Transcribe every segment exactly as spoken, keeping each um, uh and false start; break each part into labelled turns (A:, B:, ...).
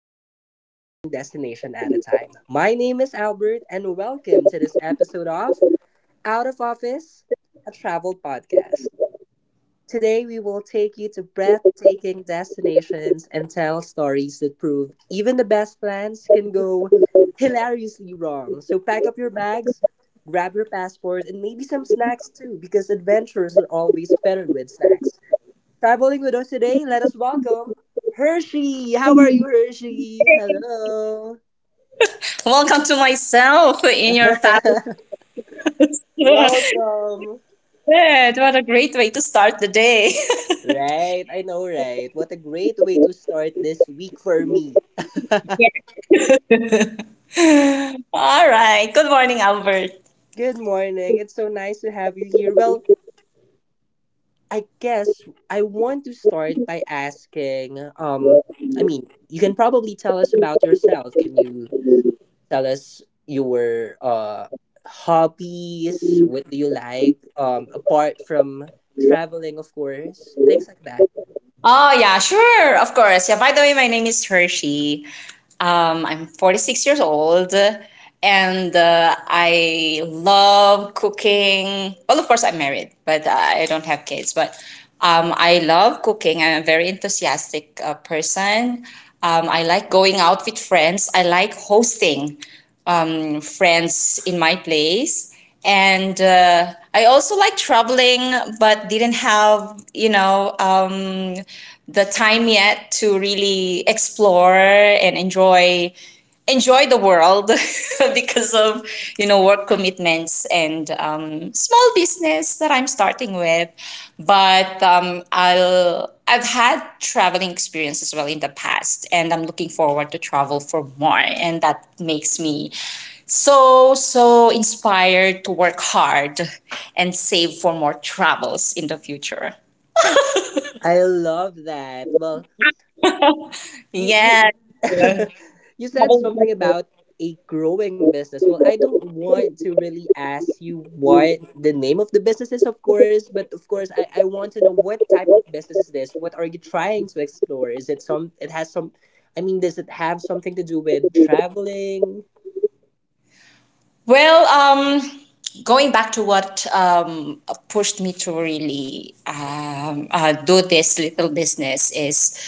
A: the world one destination at a time. My name is Albert, and welcome to this episode of Out of Office, a travel podcast. Today, we will take you to breathtaking destinations and tell stories that prove even the best plans can go hilariously wrong. So, pack up your bags, grab your passport, and maybe some snacks too, because adventures are always better with snacks. Traveling with us today, let us welcome Hershey. How are you, Hershey? Hello.
B: Welcome to myself in your family. Good.
A: Welcome.
B: What a great way to start the day.
A: Right, I know, right? What a great way to start this week for me.
B: All right. Good morning, Albert.
A: Good morning. It's so nice to have you here. Well, I guess I want to start by asking um I mean, you can probably tell us about yourself. Can you tell us your uh hobbies? What do you like, um apart from traveling, of course, things like that?
B: Oh yeah, sure, of course. Yeah. By the way, my name is Hershey. Um, I'm forty-six years old, and uh, I love cooking. Well, of course, I'm married, but I don't have kids. But um, I love cooking. I'm a very enthusiastic uh, person. Um, I like going out with friends. I like hosting um, friends in my place. And uh, I also like traveling, but didn't have, you know, um, the time yet to really explore and enjoy enjoy the world. Because of you know work commitments and um, small business that I'm starting with. But um, I'll I've had traveling experience as well in the past, and I'm looking forward to travel for more, and that makes me so so inspired to work hard and save for more travels in the future.
A: I love that. Well, you
B: Yeah.
A: you you said something about a growing business. Well, I don't want to really ask you what the name of the business is, of course, but of course, i, I want to know what type of business is this. What are you trying to explore? Is it some, it has some, I mean, does it have something to do with traveling?
B: Well, um, going back to what um, pushed me to really um, uh, do this little business is,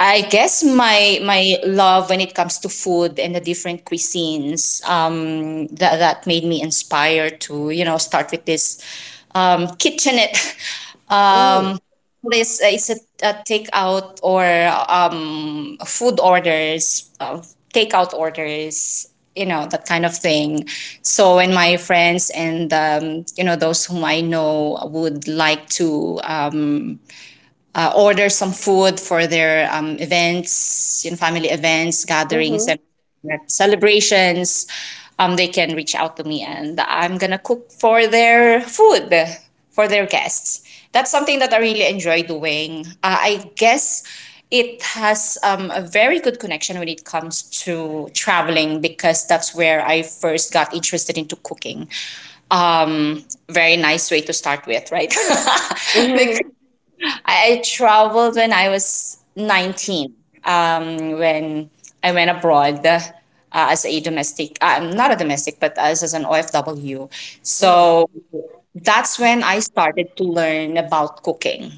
B: I guess my my love when it comes to food and the different cuisines, um, that that made me inspired to you know start with this um, kitchenette.
A: Oh.
B: This is a, a takeout or um food orders, uh, takeout orders, you know, that kind of thing. So when my friends and, um, you know, those whom I know would like to um, order some food for their um, events, you know, family events, gatherings,
A: Mhm.
B: and celebrations, um, they can reach out to me and I'm gonna cook for their food for their guests. That's something that I really enjoy doing. Uh, I guess it has um, a very good connection when it comes to traveling because that's where I first got interested into cooking. Um, Very nice way to start with, right? Because
A: Mhm.
B: I, I traveled when I was nineteen, um, when I went abroad uh, as a domestic, um, not a domestic, but as, as an O F W.
A: Mhm.
B: So that's when I started to learn about cooking.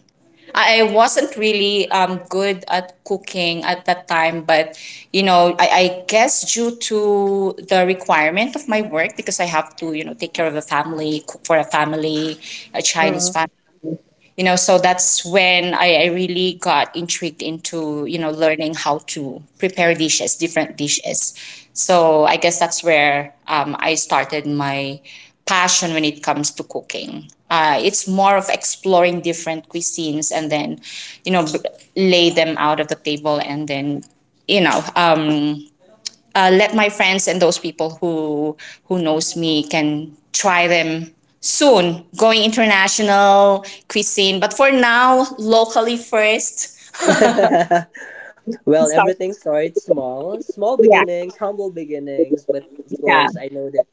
B: I I wasn't really um, good at cooking at that time, but you know, I, I guess due to the requirement of my work, because I have to, you know, take care of a family, cook for a family, a
A: Mhm.
B: Chinese family. You know, so that's when I, I really got intrigued into, you know, learning how to prepare dishes, different dishes. So I guess that's where um, I started my passion when it comes to cooking. Uh, it's more of exploring different cuisines and then, you know, b- lay them out of the table, and then, you know um, uh, let my friends and those people who who knows me can try them. Soon going international cuisine, but for now locally first.
A: Well,
B: Start.
A: everything starts small. Small
B: Yeah.
A: beginnings, humble beginnings. But of
B: Yeah.
A: course, I know that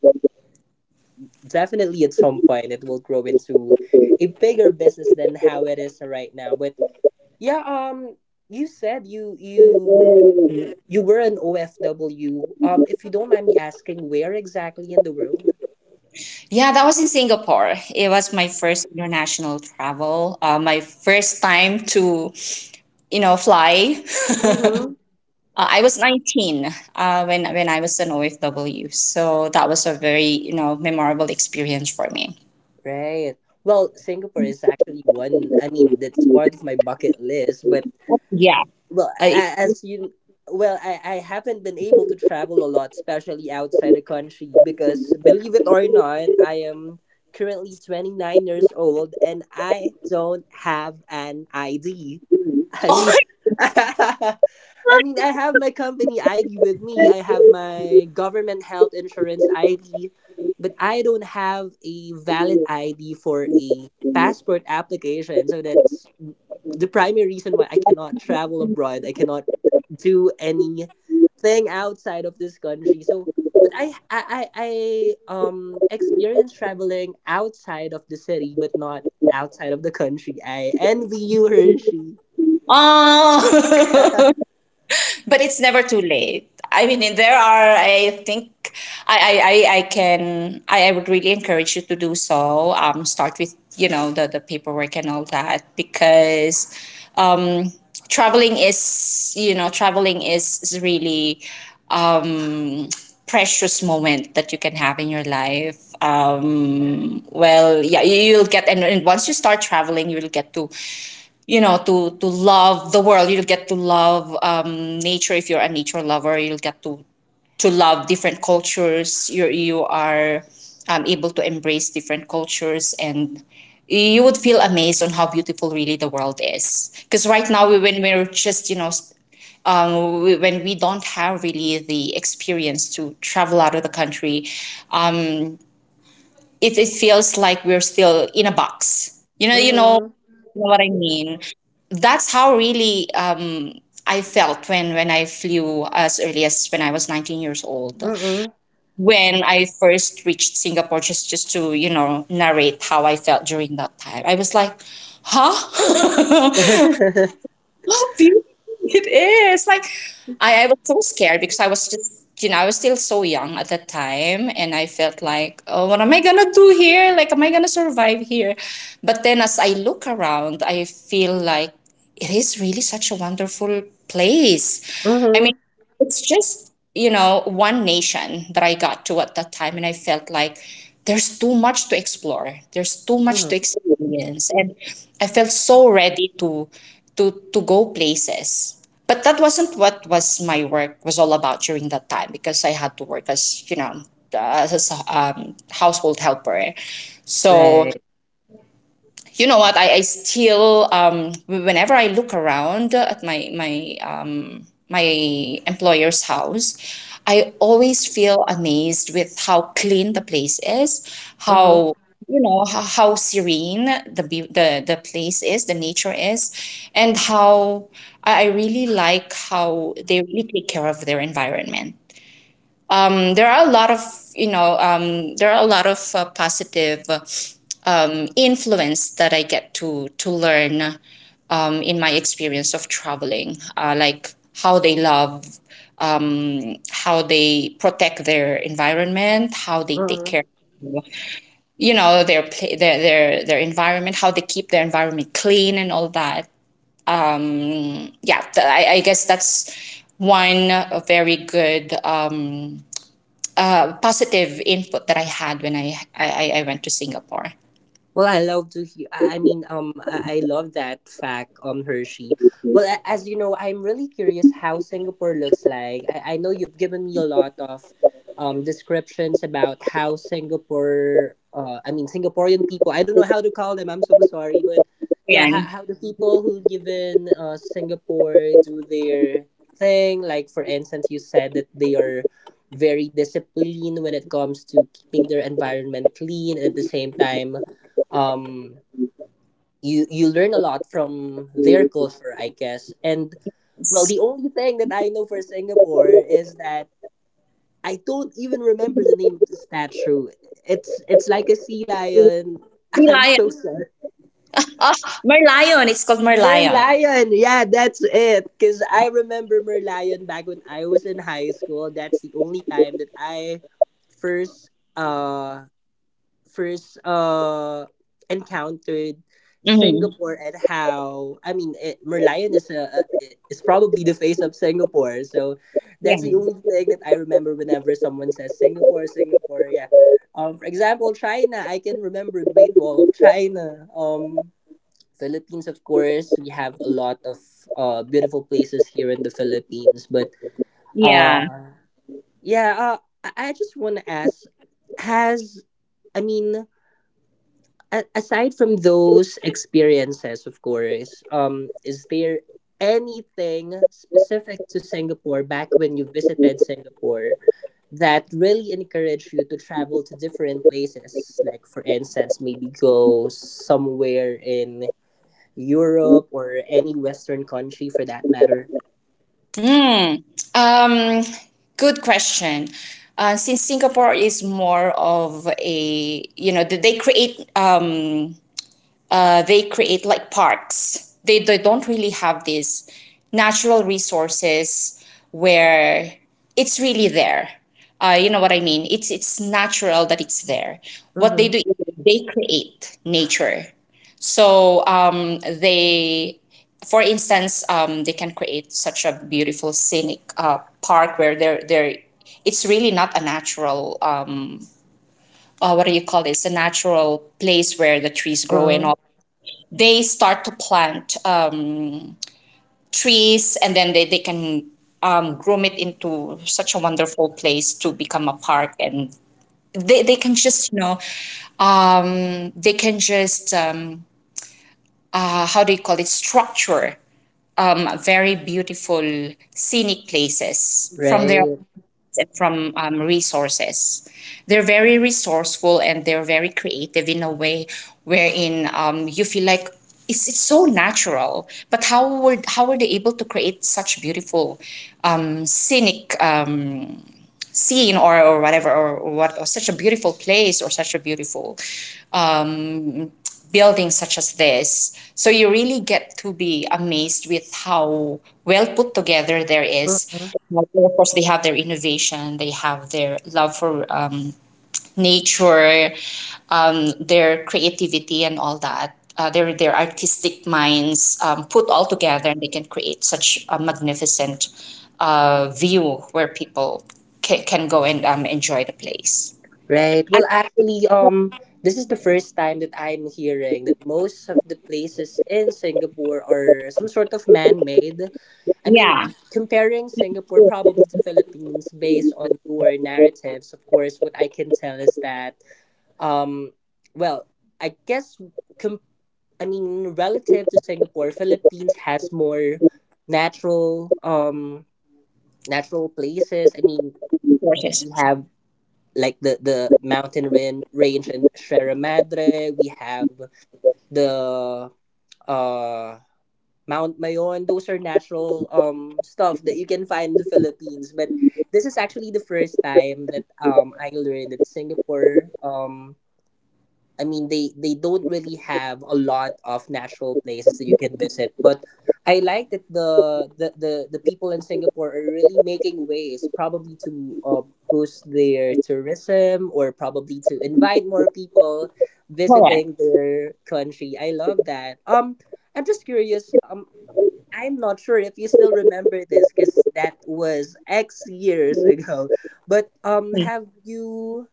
A: definitely at some point it will grow into a bigger business than how it is right now. But yeah, um you said you you you were an O F W. Um if you don't mind me asking, where exactly in the world?
B: Yeah, that was in Singapore. It was my first international travel, uh, my first time to, you know, fly.
A: Mm-hmm.
B: uh, I was nineteen uh, when when I was an OFW. So that was a very, you know, memorable experience for me.
A: Right. Well, Singapore is actually one, I mean, that's part of my bucket list, but
B: Yeah.
A: well,
B: I,
A: a- as you, well, I, I haven't been able to travel a lot, especially outside the country, because believe it or not, I am currently twenty-nine years old and I don't have an I D. I mean, I mean, I have my company I D with me, I have my government health insurance I D, but I don't have a valid I D for a passport application. So that's the primary reason why I cannot travel abroad, I cannot do anything outside of this country. So, but I I I, I um experience traveling outside of the city, but not outside of the country. I envy you, Hershey.
B: Oh. But it's never too late. I mean, there are, I think, I, I, I I can, I, I would really encourage you to do so. Um, start with, you know, the, the paperwork and all that because um, traveling is, you know, traveling is, is really precious moment that you can have in your life. Um, well, yeah, you, you'll get, and, and once you start traveling, you'll get to, you know, to to love the world. You'll get to love um, nature if you're a nature lover. You'll get to to love different cultures. You you are um, able to embrace different cultures, and you would feel amazed on how beautiful really the world is because right now, we- when we're just, you know, s- um, we- when we don't have really the experience to travel out of the country, it it feels like we're still in a box. You you know, you know.
A: Mhm.
B: You know what I mean? That's how really um, I felt when when I flew as early as when I was nineteen years old.
A: Mhm.
B: When I first reached Singapore, just just to, you know, narrate how I felt during that time, I was like, "Huh? How beautiful it is." Like, I, I was so scared because I was just, you know, I was still so young at that time. And I felt like, "Oh, what am I going to do here? Like, am I going to survive here?" But then as I look around, I feel like it is really such a wonderful place.
A: Mhm.
B: I mean,
A: Mhm.
B: it's just, you know, one nation that I got to at that time, and I felt like there's too much to explore, there's too much to experience, and I felt so ready to to to go places. But that wasn't what was my work was all about during that time because I had to work as, you know, as a um, household helper, so.
A: Right.
B: You know what, i, I still, um, whenever I look around at my my um, my employer's house, I always feel amazed with how clean the place is,
A: Mhm.
B: how, you know, how, how serene the, beau- the the place is, the nature is. And how i I really like how they really take care of their environment. Um, there are a lot of, you know, um, there are a lot of uh, positive, uh, um, influence that I get to to learn um, in my experience of traveling, uh, like how they love, um, how they protect their environment, how they take care,
A: Mhm.
B: you know, their pla- their their their environment, how they keep their environment clean and all that. Yeah, th- I, I guess that's one uh, very good, um, uh, positive input that I had when I, I, I went to Singapore.
A: Well, I love to hear. I I mean, um, I, I love that fact, um, Hershey. Well, a- as you know, I'm really curious how Singapore looks like. I, I know you've given me a lot of, um, descriptions about how Singapore, uh, I mean, Singaporean people. I don't know how to call them. I'm so sorry, but yeah, how,
B: Merlion.
A: how the people who live in uh, Singapore do their thing. Like for instance, you said that they are very disciplined when it comes to keeping their environment clean, and at the same time um you you learn a lot from their culture, I guess. And well,
B: It's
A: the only thing that I know for Singapore is that I don't even remember the name of the statue. It's it's like a sea lion. I'm
B: Merlion.
A: so sorry.
B: Oh, Merlion. It's called Merlion.
A: Merlion, yeah, that's it, because I remember Merlion back when I was in high school. That's the only time that I first uh first uh encountered
B: Mm-hmm.
A: Singapore. And how, I mean, it, Merlion is a, a I- is probably the face of Singapore. So
B: Yeah.
A: that's the only thing that I remember whenever someone says Singapore, Singapore. Yeah. Um, for example, China. I can remember Great Wall of China. Um, Philippines, of course, we have a lot of uh beautiful places here in the Philippines. But
B: Yeah.
A: uh, yeah. Uh, I I just want to ask, has, I mean, a- aside from those experiences, of course, um, is there anything specific to Singapore back when you visited Singapore that really encouraged you to travel to different places? Like, for instance, maybe go somewhere in Europe or any Western country for that matter?
B: Hmm. Um, Good question. Uh, since Singapore is more of a, you know, they create um, uh, they create like parks. They, they don't really have these natural resources where it's really there. Uh, you know what I mean? It's it's natural that it's there. What they
A: Mm-hmm.
B: do is they create nature. So um, they, for instance, um, they can create such a beautiful scenic uh, park where they're, they're it's really not a natural, um, uh, what do you call this? A natural place where the trees grow and
A: Mm-hmm.
B: all. They start to plant um, trees, and then they, they can um, groom it into such a wonderful place to become a park. And they, they can just, you know, um, they can just um, uh, how do you call it, structure, um, very beautiful scenic places from their
A: Right.
B: from um, resources. They're very resourceful and they're very creative in a way wherein, um, you feel like it's, it's so natural. But how were how were they able to create such beautiful, um, scenic, um, scene or, or whatever, or, or what, or such a beautiful place or such a beautiful buildings such as this. So you really get to be amazed with how well put together there is. Well, of course, they have their innovation, they have their love for, um, nature, um, their creativity, and all that. Uh, their their artistic minds, um, put all together, and they can create such a magnificent uh, view where people ca- can go and um, enjoy the place.
A: Right. Well, actually, um, this is the first time that I'm hearing that most of the places in Singapore are some sort of man-made. I mean,
B: Yeah,
A: comparing Singapore probably to Philippines based on your narratives, of course, what I can tell is that, um, well, I guess, com- I mean, relative to Singapore, Philippines has more natural, um, natural places. I mean,
B: gorgeous.
A: we have like the the mountain ran- range in Sierra Madre. We have the uh Mount Mayon. Those are natural um stuff that you can find in the Philippines. But this is actually the first time that um I learned that Singapore um I mean, they they don't really have a lot of natural places that you can visit. But I like that the the the, the people in Singapore are really making ways, probably to uh, boost their tourism or probably to invite more people
B: Correct.
A: visiting their country. I love that. Um, I'm just curious. Um, I'm not sure if you still remember this because that was X years ago. But um, have you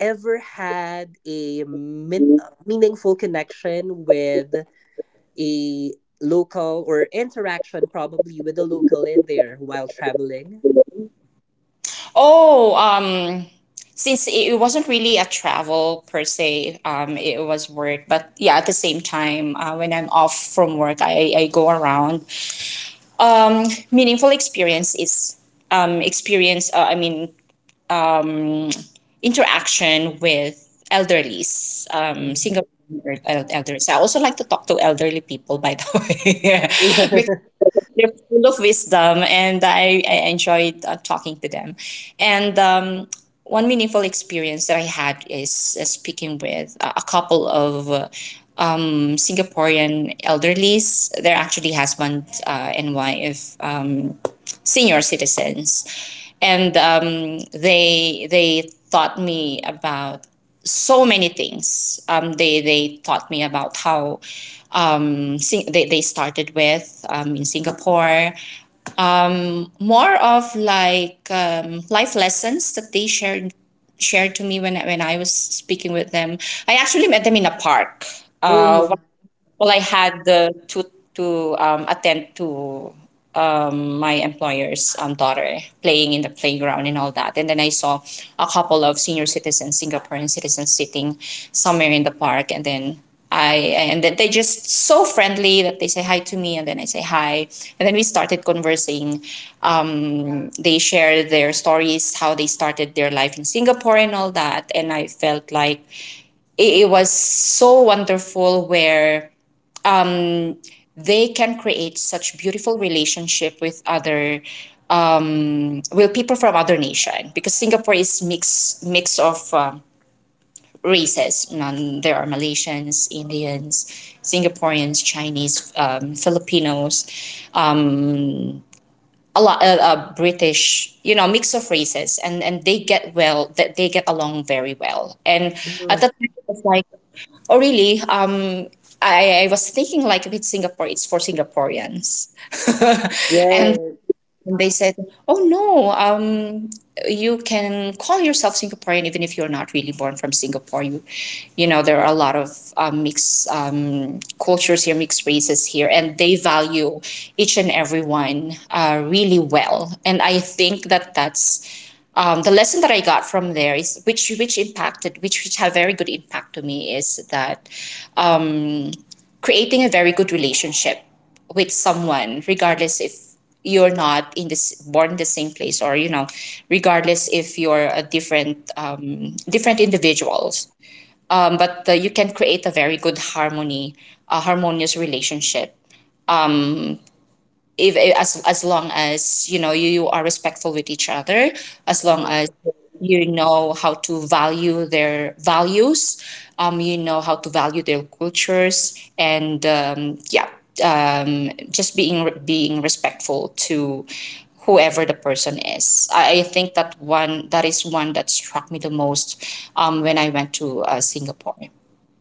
A: ever had a min- meaningful connection with a local, or interaction probably with a local in there while traveling?
B: Oh, um, since it it wasn't really a travel per se, um, it was work. But yeah, at the same time, uh, when I'm off from work, I, I go around. Um, Meaningful experience is, um, experience, uh, I mean, um, interaction with elderlies, um, single el- elders. I also like to talk to elderly people, by the way, they're full of wisdom, and I, I enjoyed uh, talking to them. And um, one meaningful experience that I had is uh, speaking with a a couple of uh, um, Singaporean elderlies. They're actually husband uh, and wife. Um, senior citizens, and um, they they taught me about so many things. Um, they they taught me about how um, sing- they, they started with, um, in Singapore. More of like, um, life lessons that they shared shared to me when when I was speaking with them. I actually met them in a park. Uh,
A: Hmm.
B: well, I had the to to um, attend to um, my employer's um, daughter playing in the playground and all that, and then I saw a couple of senior citizens, Singaporean citizens, sitting somewhere in the park, and then I and then they just so friendly that they say hi to me, and then I say hi, and then we started conversing. Um, they share their stories, how they started their life in Singapore and all that, and I felt like it, it was so wonderful where they can create such beautiful relationship with other well people from other nation, because Singapore is mix mix of um, races, and there are Malaysians, Indians, Singaporeans, Chinese, um, Filipinos, a lot of uh, uh, British, you know mix of races, and and they get, well, that they get along very well. And at
A: Hmm.
B: that time it's like, oh really? um I, I was thinking, like, if it's Singapore, it's for Singaporeans. and
A: Yes.
B: And they said, "Oh no, um, you can call yourself Singaporean even if you're not really born from Singapore. You, you know, there are a lot of um, mixed um, cultures here, mixed races here, and they value each and everyone uh, really well." And I think that that's um, the lesson that I got from there, is which which impacted, which which had very good impact to me, is that creating a very good relationship with someone, regardless if you're not in this born in the same place, or you know regardless if you're a different, um, different individuals, um, but uh, you can create a very good harmony a harmonious relationship, if as as long as you know you, you are respectful with each other, as long as
A: Hmm.
B: you know how to value their values, um, you know how to value their cultures, and um, yeah, um, just being being respectful to whoever the person is. I, I think that one that is one that struck me the most um, when I went to uh, Singapore.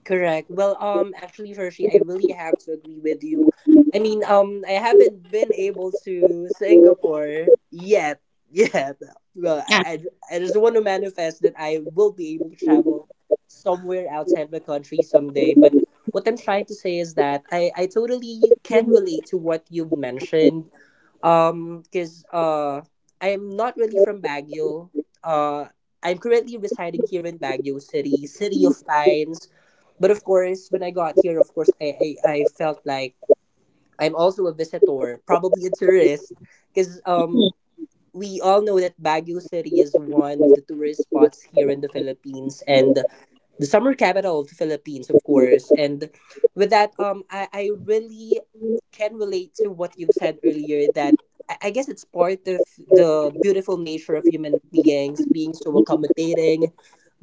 A: Correct. Well, um, actually, Hershey, I really have to agree with you. I mean, um, I haven't been able to Singapore yet. Yet. Well,
B: Yeah,
A: I, I, I just want to manifest that I will be able to travel somewhere outside the country someday. But what I'm trying to say is that I, I totally can relate to what you've mentioned. Um, because uh, I'm not really from Baguio. Uh, I'm currently residing here in Baguio City, City of Pines, but of course, when I got here, of course, I, I, I felt like I'm also a visitor, probably a tourist, because um, we all know that Baguio City is one of the tourist spots here in the Philippines and the summer capital of the Philippines, of course. And with that, um, I, I really can relate to what you've said earlier, that I I guess it's part of the beautiful nature of human beings being so accommodating,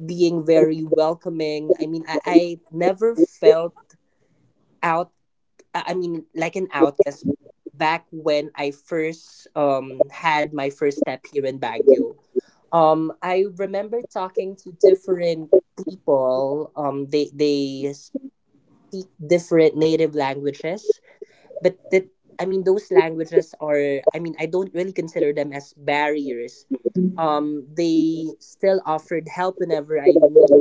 A: being very welcoming. I mean, I, I never felt out, uh, I mean, like an outcast back when I first um had my first step here in Baguio. Um, I remember talking to different people. Um they they speak different native languages, but that, I mean, those languages are, I mean, I don't really consider them as barriers. Um, they still offered help whenever I need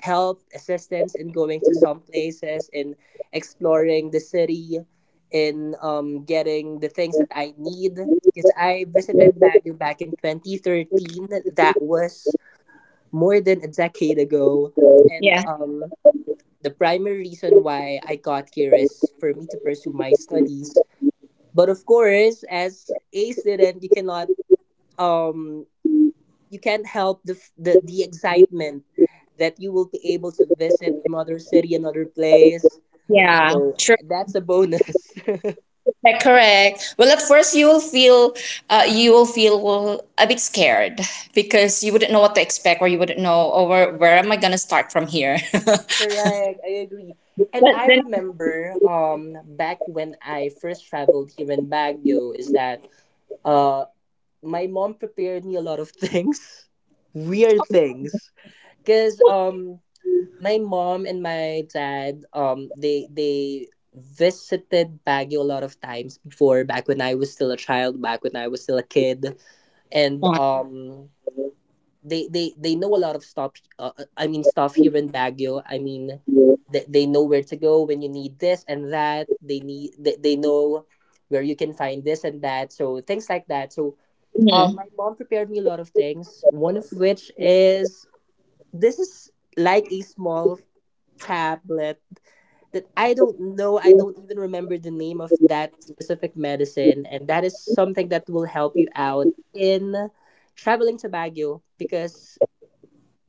A: help, assistance, in going to some places, in exploring the city, in um getting the things that I need, because I visited Baguio back in twenty thirteen. That was more than a decade ago. And
B: yeah,
A: um the primary reason why I got here is for me to pursue my studies. But of course, as a student, you cannot um you can't help the f- the, the excitement that you will be able to visit another city, another place.
B: yeah.
A: So that's a bonus.
B: Yeah, correct. Well, at first you will feel, uh, you will feel a bit scared, because you wouldn't know what to expect, or you wouldn't know, or where, where am I gonna start from here?
A: Correct, I agree. And
B: But
A: I
B: then,
A: remember um back when I first traveled here in Baguio, is that uh my mom prepared me a lot of things, weird things, because um my mom and my dad, um they they visited Baguio a lot of times before, back when I was still a child, back when I was still a kid. And um they they they know a lot of stuff, uh, uh, I mean, stuff here in Baguio. I mean, they, they know where to go when you need this and that. they need they, they know where you can find this and that, so things like that. So um
B: mhm.
A: my mom prepared me a lot of things, one of which is this is like a small tablet that I don't know. I don't even remember the name of that specific medicine. And that is something that will help you out in traveling to Baguio, because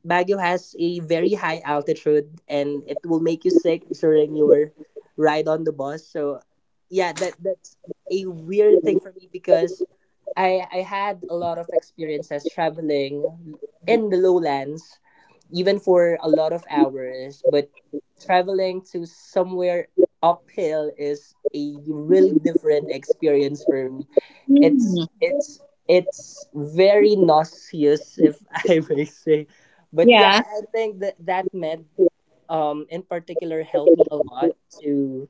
A: Baguio has a very high altitude and it will make you sick during your ride on the bus. So yeah, that that's a weird thing for me, because I I had a lot of experiences traveling in the lowlands, even for a lot of hours, but traveling to somewhere uphill is a really different experience for me. it's
B: Mhm.
A: it's it's very nauseous, if I may say. But yeah,
B: Yeah,
A: i I think that that med um in particular helped me a lot to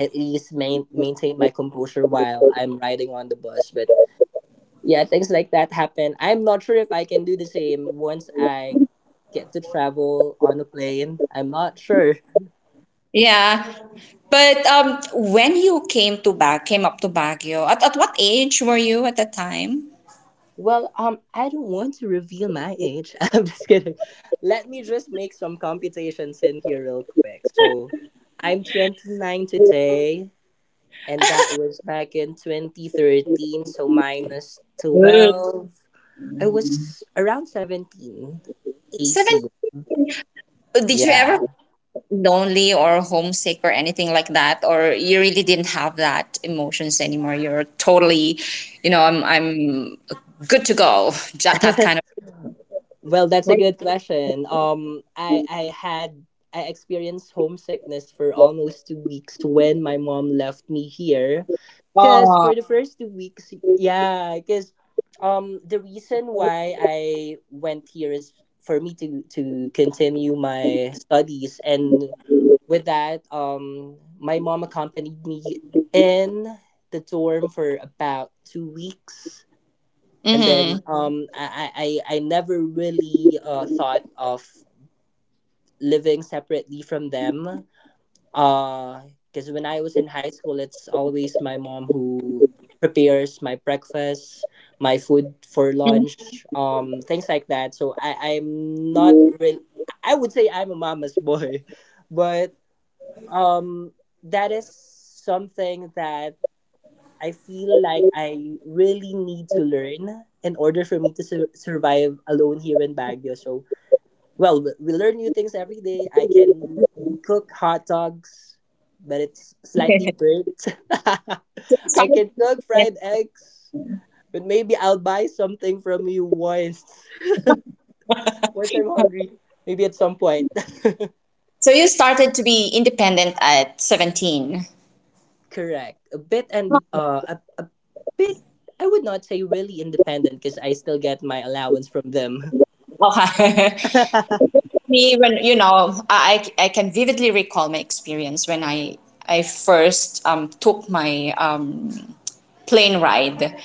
A: at least main, maintain my composure while I'm riding on the bus. But yeah, things like that happen. I'm not sure if I can do the same once I get to travel on a plane. I'm not sure.
B: yeah. But um, when you came to Bag, came up to Baguio, at, at what age were you at that time?
A: Well, um, I don't want to reveal my age. I'm just kidding. Let me just make some computations in here real quick. So, I'm twenty-nine today, and that was back in twenty thirteen. So minus
B: Mm.
A: twelve, I was around seventeen,
B: Seven.
A: eighteen.
B: Did you ever
A: Yeah.
B: lonely or homesick or anything like that, or you really didn't have that emotions anymore? You're totally, you know i'm i'm good to go, that that kind
A: well, that's a
B: of.
A: good question. Um, I I had I experienced homesickness for almost two weeks when my mom left me here. Because
B: Oh.
A: for the first two weeks, yeah, because um the reason why I went here is for me to to continue my studies, and with that, um my mom accompanied me in the dorm for about two weeks. And
B: Hmm.
A: then um I I I I never really uh thought of living separately from them, uh, because when I was in high school, it's always my mom who prepares my breakfast, my food for lunch, um, things like that. So I, I'm not really, I would say I'm a mama's boy, but um, that is something that I feel like I really need to learn in order for me to sur- survive alone here in Baguio. So well, we we learn new things every day. I can cook hot dogs, but it's slightly burnt. I can cook fried eggs, but maybe I'll buy something from you once. Once I'm hungry, maybe at some point.
B: So you started to be independent at seventeen.
A: Correct. A bit and uh, a, a bit. I would not say really independent because I still get my allowance from them.
B: Okay. Me, when, you know I, I can vividly recall my experience when i I first um, took my um, plane ride,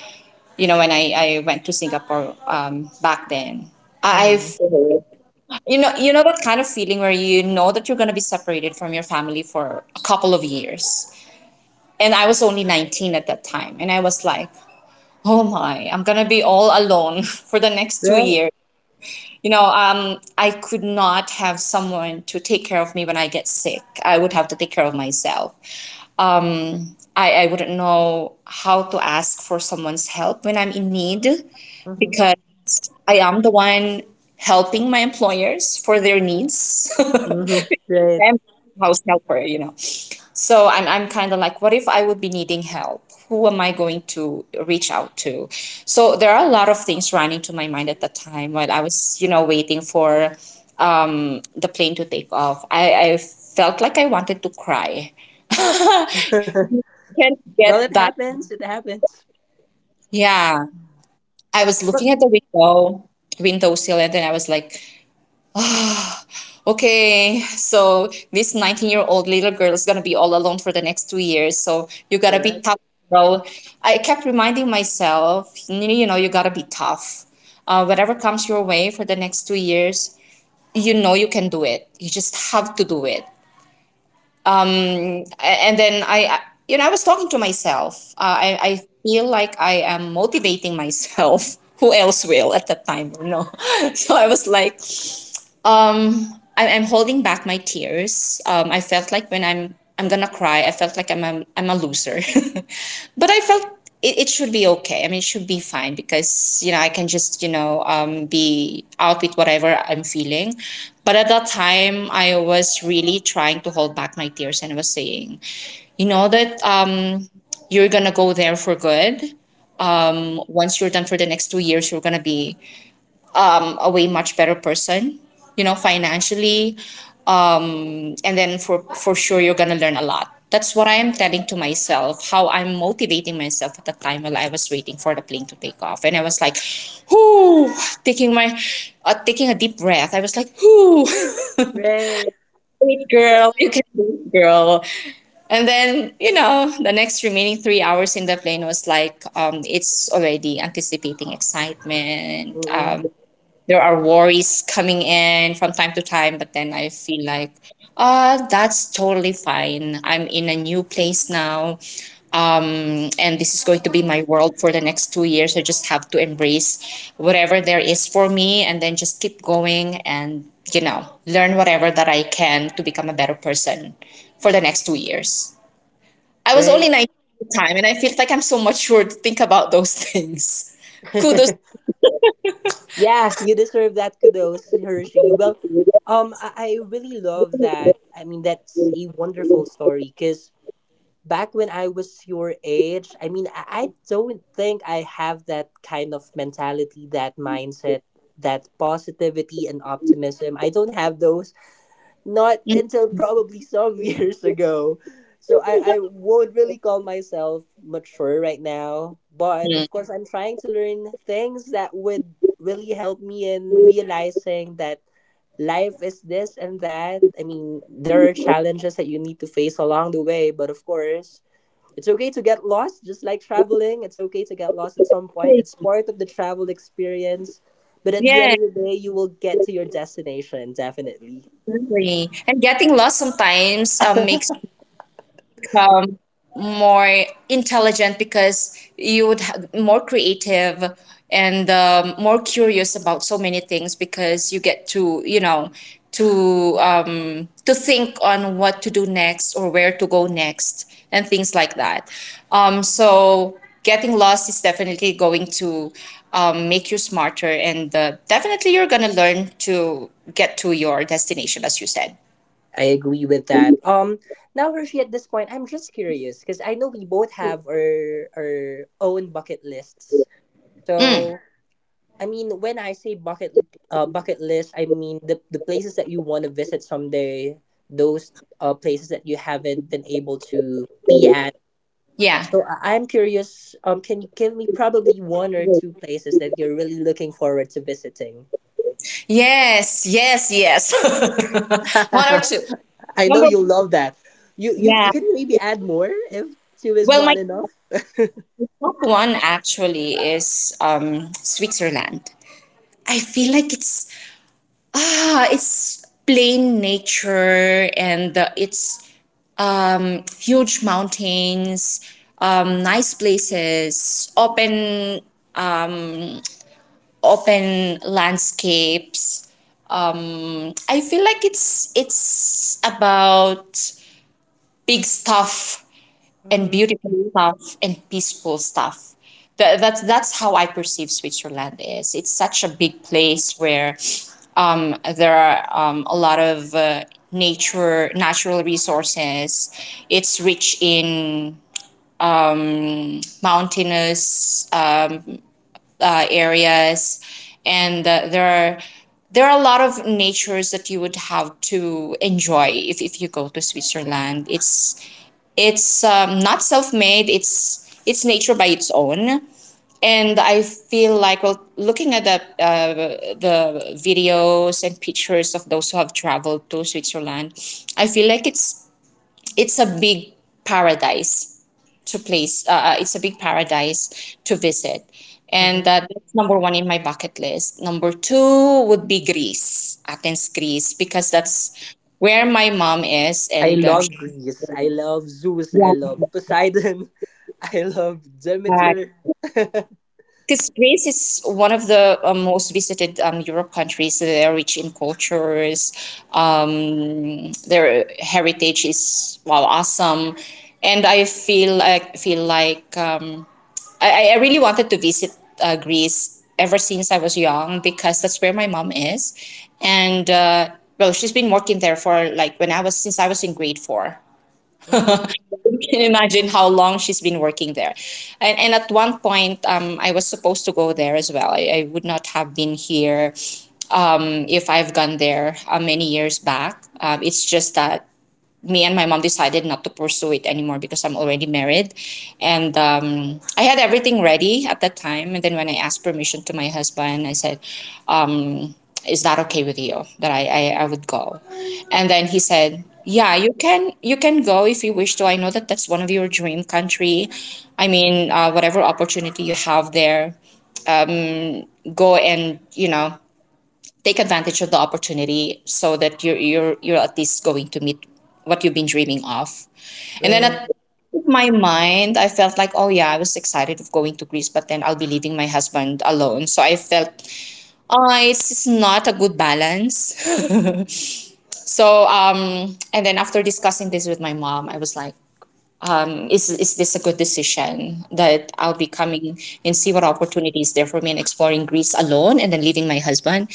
B: you know, when I, I went to Singapore um, back then. I've
A: Hmm.
B: You know, you know that kind of feeling where you know that you're going to be separated from your family for a couple of years. And I was only nineteen at that time. And I was like, oh my, I'm going to be all alone for the next two
A: Right.
B: years. You know, um, I could not have someone to take care of me when I get sick. I would have to take care of myself. I, I wouldn't know how to ask for someone's help when I'm in need,
A: Mm-hmm.
B: because I am the one helping my employers for their needs.
A: Mm-hmm. Right.
B: I'm. House helper, you know. So I'm, I'm kind of like, what if I would be needing help? Who am I going to reach out to? So there are a lot of things running to my mind at the time while I was, you know, waiting for um, the plane to take off. I, I felt like I wanted to cry. Can't
A: Well, it
B: get that.
A: happens. It happens.
B: Yeah. I was
A: But
B: looking at the window, windowsill, and then I was like, okay, so this nineteen year old little girl is going to be all alone for the next two years. So you got to be
A: correct.
B: tough, bro. I kept reminding myself, you you know, you got to be tough. Uh, whatever comes your way for the next two years, you know you can do it. You just have to do it. A- And then I, I- you know, I was talking to myself. Uh, I, I feel like I am motivating myself. Who else will at that time? No. So I was like, um I, i'm holding back my tears. um I felt like when i'm i'm gonna cry, I felt like i'm a, i'm a loser. But I felt it, it should be okay. I mean, it should be fine, because you know I can just you know um be out with whatever I'm feeling. But at that time I was really trying to hold back my tears, and I was saying, you know, that um you're gonna go there for good. Um once you're done, for the next two years you're gonna be um, a way much better person, you know, financially. Um, and then for, for sure, you're going to learn a lot. That's what I am telling to myself, how I'm motivating myself at the time while I was waiting for the plane to take off. And I was like, whoo, taking my, uh, taking a deep breath. I was like, whoo.
A: Right.
B: Great
A: Well,
B: girl, you can do it, girl. And then, you know, the next remaining three hours in the plane was like, um, it's already anticipating excitement,
A: mm-mm.
B: there are worries coming in from time to time, but then I feel like, uh, that's totally fine. I'm in a new place now, um, and this is going to be my world for the next two years. I just have to embrace whatever there is for me, and then just keep going and, you know, learn whatever that I can to become a better person for the next two years. I was only
A: Right.
B: nineteen at the time, and I feel like I'm so mature to think about those things. Kudos.
A: Yeah, you deserve that kudos, Hershey. Well, um, I, I really love that. I mean, that's a wonderful story because back when I was your age, I mean, I, I don't think I have that kind of mentality, that mindset, that positivity and optimism. I don't have those, not until probably some years ago. So I, I won't really call myself mature right now. But
B: Mhm.
A: of course, I'm trying to learn things that would really help me in realizing that life is this and that. I mean, there are challenges that you need to face along the way. But of course, it's okay to get lost, just like traveling. It's okay to get lost at some point. It's part of the travel experience. But at the end
B: Yes.
A: of the day, you will get to your destination, definitely.
B: Agree. And getting lost sometimes um, makes you become more intelligent, because you would have more creative and um, more curious about so many things, because you get to you know to um, to think on what to do next or where to go next and things like that. Um, so getting lost is definitely going to um, make you smarter, and uh, definitely you're gonna learn to get to your destination, as you said.
A: I agree with that. Um, now Hershey, at this point, I'm just curious because I know we both have our our own bucket lists.
B: Mm,
A: So I mean, when I say bucket uh bucket list, I mean the the places that you want to visit someday. Those uh places that you haven't been able to be at.
B: yeah.
A: So I- I'm curious. Um, can you give me probably one or two places that you're really looking forward to visiting?
B: Yes, yes, yes. One or two.
A: I know
B: Number
A: you'll love that. You you
B: Yeah.
A: you can maybe add more if two is
B: Well, my
A: not enough.
B: top one actually is um Switzerland. I feel like it's ah, it's plain nature, and uh, it's um huge mountains, um nice places, open open landscapes. Um I feel like it's it's about big stuff and
A: Hmm.
B: beautiful stuff and peaceful stuff. That, that's that's how I perceive Switzerland is. It's such a big place where um, there are um, a lot of uh, nature, natural resources. It's rich in um, mountainous uh, areas, and uh, there are there are a lot of natures that you would have to enjoy if, if you go to Switzerland. It's it's um, not self-made. It's it's nature by its own. And I feel like, well, looking at the uh, the videos and pictures of those who have traveled to Switzerland, I feel like it's it's a big paradise to place. Uh, uh, it's a big paradise to visit,
A: Hmm.
B: and uh, that's number one in my bucket list. Number two would be Greece, Athens, Greece, because that's where my mom is,
A: I
B: and um, she-
A: love Greece. I love Zeus. I
B: yeah.
A: love Poseidon. I love Demeter.
B: Because Greece is one of the uh, most visited um, Europe countries. They're rich in cultures. Um, their heritage is wow awesome, and I feel I feel like, um, I I really wanted to visit uh, Greece ever since I was young, because that's where my mom is, and uh, well, she's been working there for like when I was, since I was in grade four.
A: Hmm.
B: Can imagine how long she's been working there. And, and at one point, um, I was supposed to go there as well. I, I would not have been here um, if I've gone there uh, many years back. Um, it's just that me and my mom decided not to pursue it anymore, because I'm already married. And um, I had everything ready at that time. And then when I asked permission to my husband, I said, um, "Is that okay with you that I, I, I would go?" And then he said, yeah, you can, you can go if you wish to. I know that that's one of your dream country. I mean, uh, whatever opportunity you have there, go, and you know take advantage of the opportunity so that you're you're you're at least going to meet what you've been dreaming of. And then at
A: Right.
B: in my mind, I felt like, oh yeah, I was excited of going to Greece, but then I'll be leaving my husband alone. So I felt, oh, it's, it's not a good balance. So um, and then after discussing this with my mom, I was like, um, is is this a good decision that I'll be coming and see what opportunities there for me, and exploring Greece alone and then leaving my husband?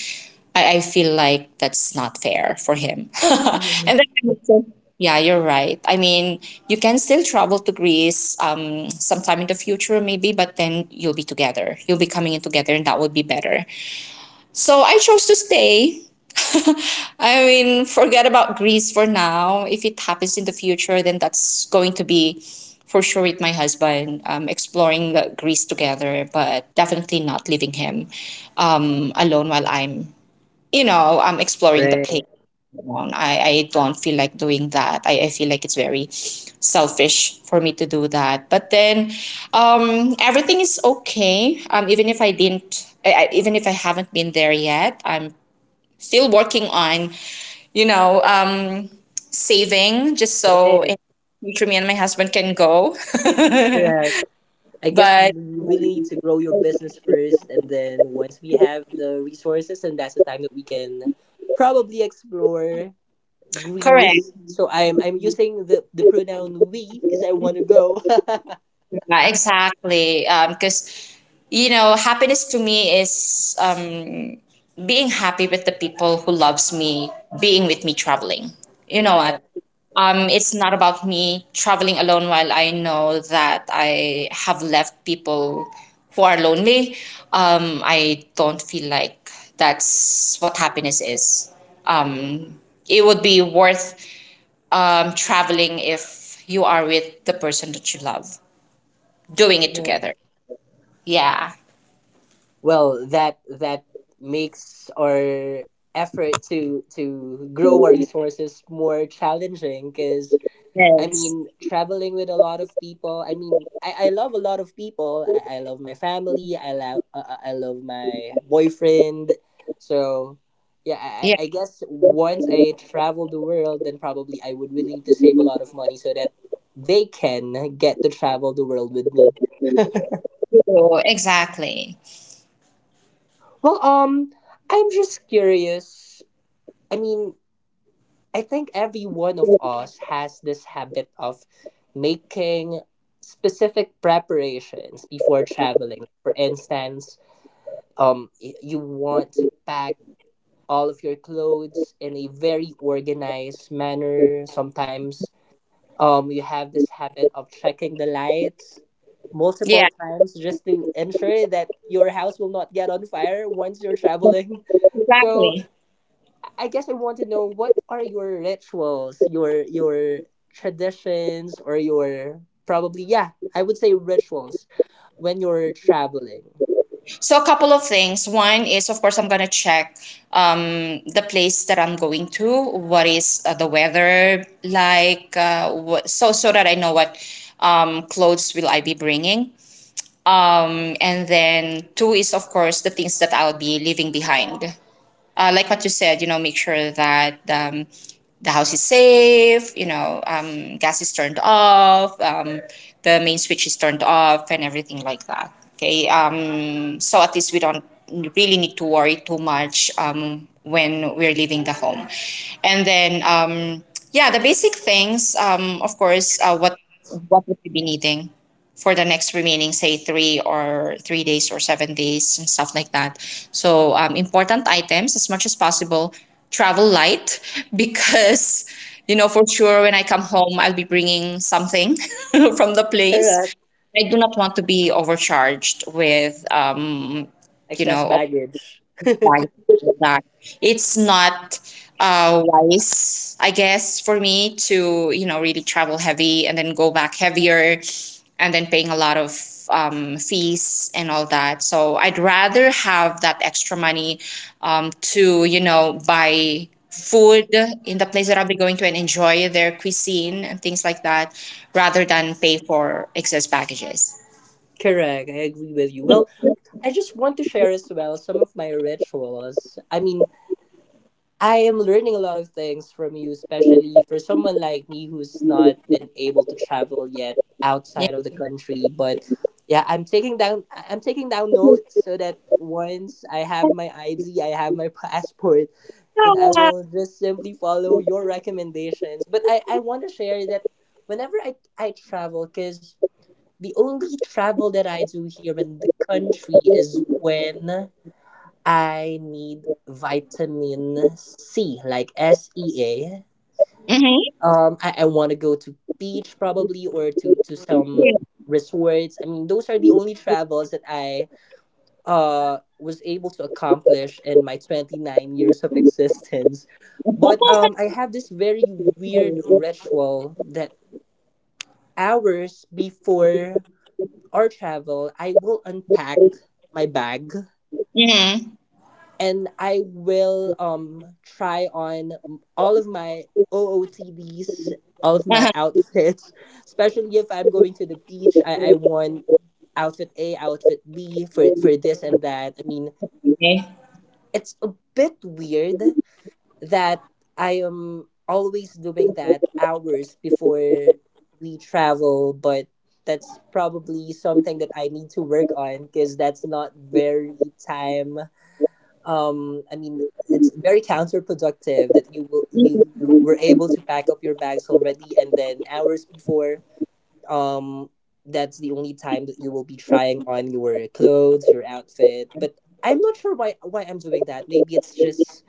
B: I, I feel like that's not fair for him.
A: Mhm.
B: And then I would say, yeah, you're right. I mean, you can still travel to Greece um, sometime in the future, maybe, but then you'll be together. You'll be coming in together, and that would be better. So I chose to stay. I mean, forget about Greece for now. If it happens in the future, then that's going to be for sure with my husband, um, exploring the Greece together, but definitely not leaving him um, alone while I'm, you know, I'm exploring the
A: Right.
B: place on. I, I don't feel like doing that. I, I feel like it's very selfish for me to do that. But then um, everything is okay. Um, even if I didn't, I, I- even if I haven't been there yet, I'm still working on, you know, um, saving just so
A: Right.
B: in future me and my husband can go.
A: Correct. I guess we
B: But
A: really need to grow your business first, and then once we have the resources, and that's the time that we can probably explore
B: correct.
A: Greece. So I'm I'm using the the pronoun we because I want to go.
B: Yeah, exactly. Because, you know, happiness to me is um, being happy with the people who loves me, being with me traveling. You know what?
A: Correct.
B: Um, it's not about me traveling alone while I know that I have left people who are lonely. Um, I don't feel like that's what happiness is. Um, it would be worth um, traveling if you are with the person that you love doing it
A: Right.
B: together. Yeah.
A: Well, that that makes our effort to to grow our resources more challenging because I
B: Yes.
A: mean traveling with a lot of people, I mean i, I love a lot of people, i, I love my family, I love uh, i love my boyfriend. So yeah, I,
B: Yeah,
A: I I guess once I travel the world, then probably I would willing to save a lot of money so that they can get to travel the world with me.
B: true. Exactly.
A: Well, um, I'm just curious. I mean, I think every one of us has this habit of making specific preparations before traveling. For instance, um, y- you want to pack all of your clothes in a very organized manner. Sometimes, um, you have this habit of checking the lights multiple
B: Yeah,
A: times just to ensure that your house will not get on fire once you're traveling. So
B: exactly.
A: I guess I want to know what are your rituals, your your traditions, or your probably, yeah, I would say rituals when you're traveling.
B: So a couple of things. One is, of course, I'm gonna check um, the place that I'm going to. What is uh, the weather like? Uh, what, so so that I know what um, clothes will I be bringing. Um, and then two is of course the things that I'll be leaving behind. Uh, like what you said, you know, make sure that um, the house is safe. You know, um, gas is turned off. Um, the main switch is turned off, and everything like that. Okay. Um, so at least we don't really need to worry too much um, when we're leaving the home, and then um, yeah, the basic things. Um, of course, uh, what what would we be needing for the next remaining, say, three or three days or seven days and stuff like that. So um, important items as much as possible. Travel light because you know for sure when I come home I'll be bringing something from the place.
A: Correct.
B: I do not want to be overcharged with um, you
A: Excess
B: know
A: baggage.
B: Right, that. It's not uh, wise, I guess, for me to, you know, really travel heavy and then go back heavier and then paying a lot of um, fees and all that. So I'd rather have that extra money um, to, you know, buy food in the place that I'll be going to and enjoy their cuisine and things like that rather than pay for excess packages.
A: Correct. I agree with you. Well, I just want to share as well some of my rituals. I mean, I am learning a lot of things from you, especially for someone like me who's not been able to travel yet
B: Yeah.
A: outside of the country. But yeah, I'm taking down I- I'm taking down notes so that once I have my I D, I have my passport, then I will just simply follow your recommendations. But I, I want to share that whenever I, I travel, because the only travel that I do here in the country is when I need vitamin C, like S E
B: Mm-hmm.
A: A. Um, I, I want to go to beach probably or to to some resorts. I mean, those are the only travels that I uh was able to accomplish in my twenty nine years of existence. But um, I have this very weird ritual that hours before our travel, I will unpack my bag, and I will um try on all of my O O T Ds, all of my
B: Mm-hmm.
A: outfits, especially if I'm going to the beach. I, I want outfit A, outfit B for for this and that. I mean, it's a bit weird that I am always doing that hours before we travel, but that's probably something that I need to work on because that's not very time, um, I mean, it's very counterproductive that you will you, you were able to pack up your bags already, and then hours before, um, that's the only time that you will be trying on your clothes, your outfit. But I'm not sure why why I'm doing that. Maybe it's just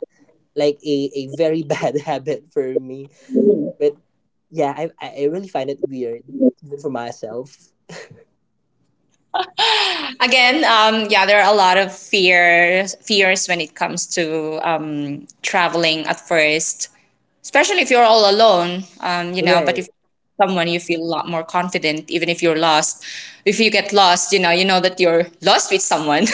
A: like a, a very bad habit for me, but yeah, i i I really find it weird, even for myself.
B: Again, um, yeah, there are a lot of fears fears when it comes to um, traveling at first, especially if you're all alone. Um, you know, but
A: Right.
B: if someone you feel a lot more confident, even if you're lost. If you get lost, you know, you know that you're lost with someone.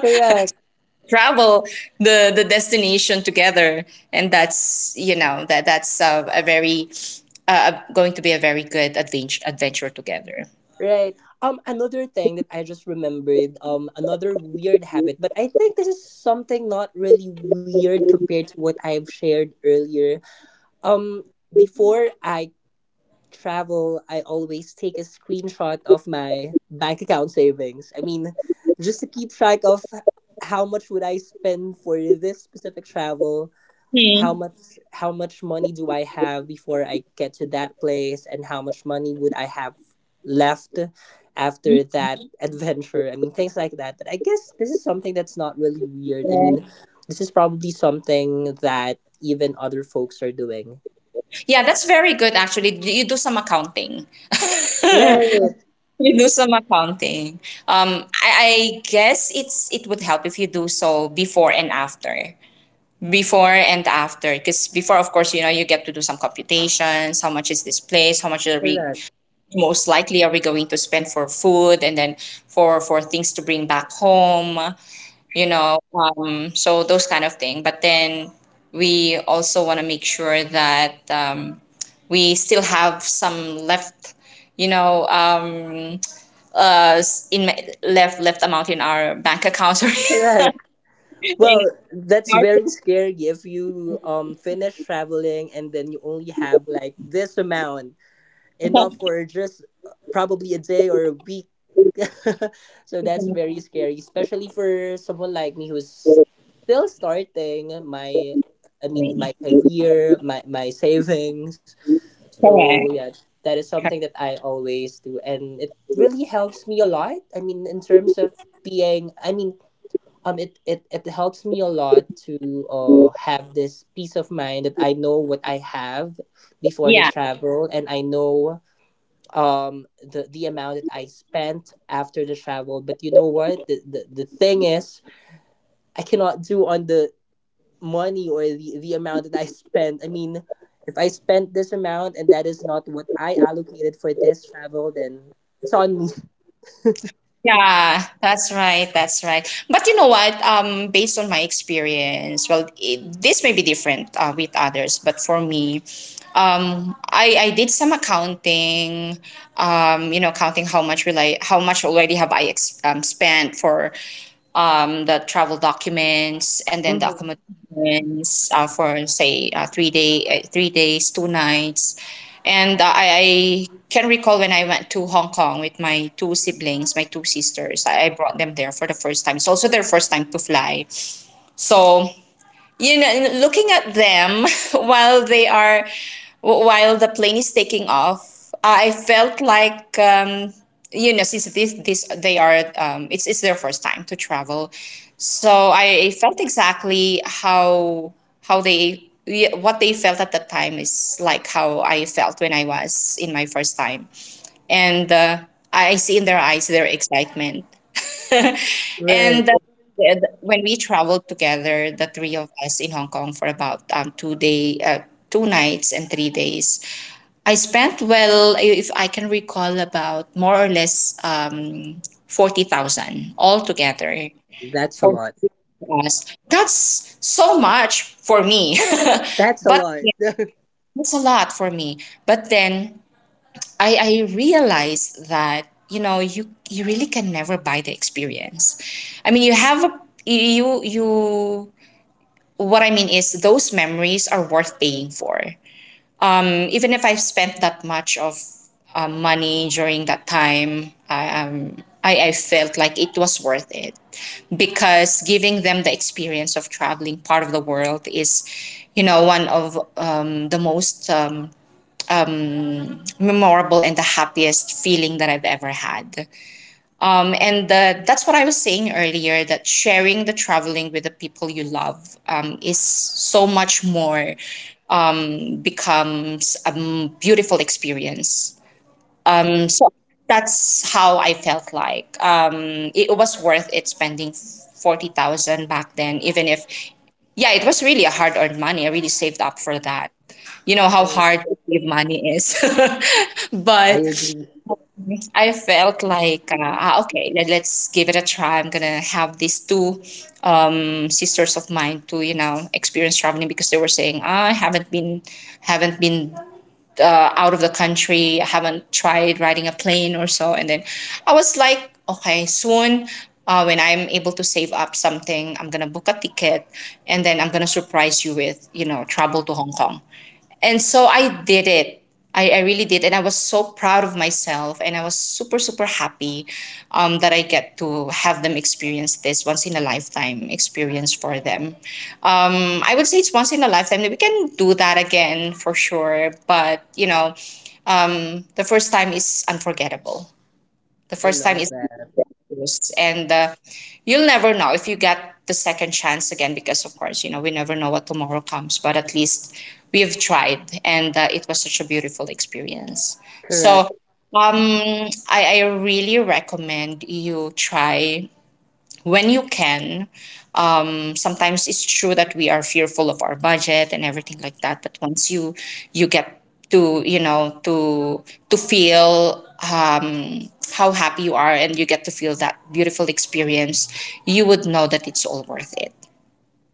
A: Correct.
B: Travel the the destination together, and that's you know that that's uh, a very uh, going to be a very good adventure adventure together.
A: Right. Um, another thing that I just remembered, um, another weird habit, but I think this is something not really weird compared to what I've shared earlier. Um, before I travel, I always take a screenshot of my bank account savings. I mean, just to keep track of how much would I spend for this specific travel, how
B: Hmm.
A: much how much money do I have before I get to that place, and how much money would I have left after that adventure. I mean things like that, but I guess this is something that's not really weird. I mean, this is probably something that even other folks are doing.
B: Yeah, that's very good actually. You you do some accounting.
A: Right.
B: You do some accounting. Um, I, I guess it's it would help if you do so before and after. Before and after, because before, of course, you know you get to do some computations. How much is this place? How much are we
A: Correct.
B: most likely are we going to spend for food and then for for things to bring back home? You know, um, so those kind of thing. But then we also want to make sure that um, we still have some left, you know um, uh in left left amount in our bank account or in
A: Correct. Well, that's
B: our
A: very scary if you um finish traveling, and then you only have like this amount, enough for just uh, probably a day or a week. So that's very scary, especially for someone like me who's still starting my, I mean,
B: Exactly.
A: my career, my my savings. So
B: Correct.
A: yeah, that is something that I always do, and it really helps me a lot. I mean in terms of being, I mean, um it, it, it helps me a lot to uh, have this peace of mind that I know what I have before the
B: Yeah.
A: travel, and I know um the the amount that I spent after the travel. But you know what? The the, the thing is I cannot do on the money or the, the amount that I spent. I mean if I spent this amount and that is not what I allocated for this travel, then it's on me.
B: Yeah, that's right, that's right. But you know what, um based on my experience, well, it, this may be different uh, with others, but for me um i i did some accounting, um you know, counting how much will I how much already have i ex- um, spent for um, the travel documents, and then the
A: Hmm.
B: accommodations uh, for say uh, three day, uh, three days, two nights, and uh, I, I can recall when I went to Hong Kong with my two siblings, my two sisters. I, I brought them there for the first time. It's also their first time to fly, so you know looking at them while they are while the plane is taking off I felt like um, you know since this, this they are um, it's, it's their first time to travel, so I felt exactly how how they yeah, what they felt at that time is like how I felt when I was in my first time. And uh, I see in their eyes their excitement.
A: Right.
B: And uh, when we traveled together, the three of us in Hong Kong for about um, two day, uh, two nights and three days. I spent, well, if I can recall, about more or less um, forty thousand altogether
A: That's a
B: for
A: lot.
B: us. That's so much for me,
A: That's a
B: but
A: lot.
B: yeah, that's a lot for me. But then I, I realized that you know you you really can never buy the experience. I mean, you have a you you what I mean is those memories are worth paying for. Mm. Even if I've spent that much of uh, money during that time, I um I, I felt like it was worth it because giving them the experience of traveling part of the world is, you know, one of um, the most um, memorable and the happiest feeling that I've ever had. Um, and the, that's what I was saying earlier that sharing the traveling with the people you love um, is so much more, mm, becomes a mm, beautiful experience. Um,
A: Correct.
B: so that's how I felt like. Um, it was worth it spending forty thousand back then, even if, yeah, it was really a hard earned money. I really saved up for that. You know how
A: Right.
B: hard to save money is.
A: I
B: But
A: agree.
B: I felt like, uh, ah, okay, let, let's give it a try. I'm gonna have these two um, sisters of mine to, you know, experience traveling because they were saying, ah, I haven't been, haven't been uh, out of the country. I haven't tried riding a plane or so. And then I was like, okay, soon. Uh, when I'm able to save up something, I'm gonna book a ticket, and then I'm gonna surprise you with, you know, travel to Hong Kong. And so I did it. I, I really did. And I was so proud of myself. And I was super, super happy um, that I get to have them experience this once in a lifetime experience for them. Um, I would say it's once in a lifetime that we can do that again for sure. But, you know, the first time is unforgettable. The
A: I
B: first time
A: love
B: is
A: that.
B: and uh, you'll never know if you get the second chance again, because of course you know we never know what tomorrow comes, but at least we've tried, and uh, it was such a beautiful experience. So
A: Correct.
B: um I, I really recommend you try when you can. Sometimes it's true that we are fearful of our budget and everything like that, but once you you get to you know to to feel um, how happy you are and you get to feel that beautiful experience, you would know that it's all worth it.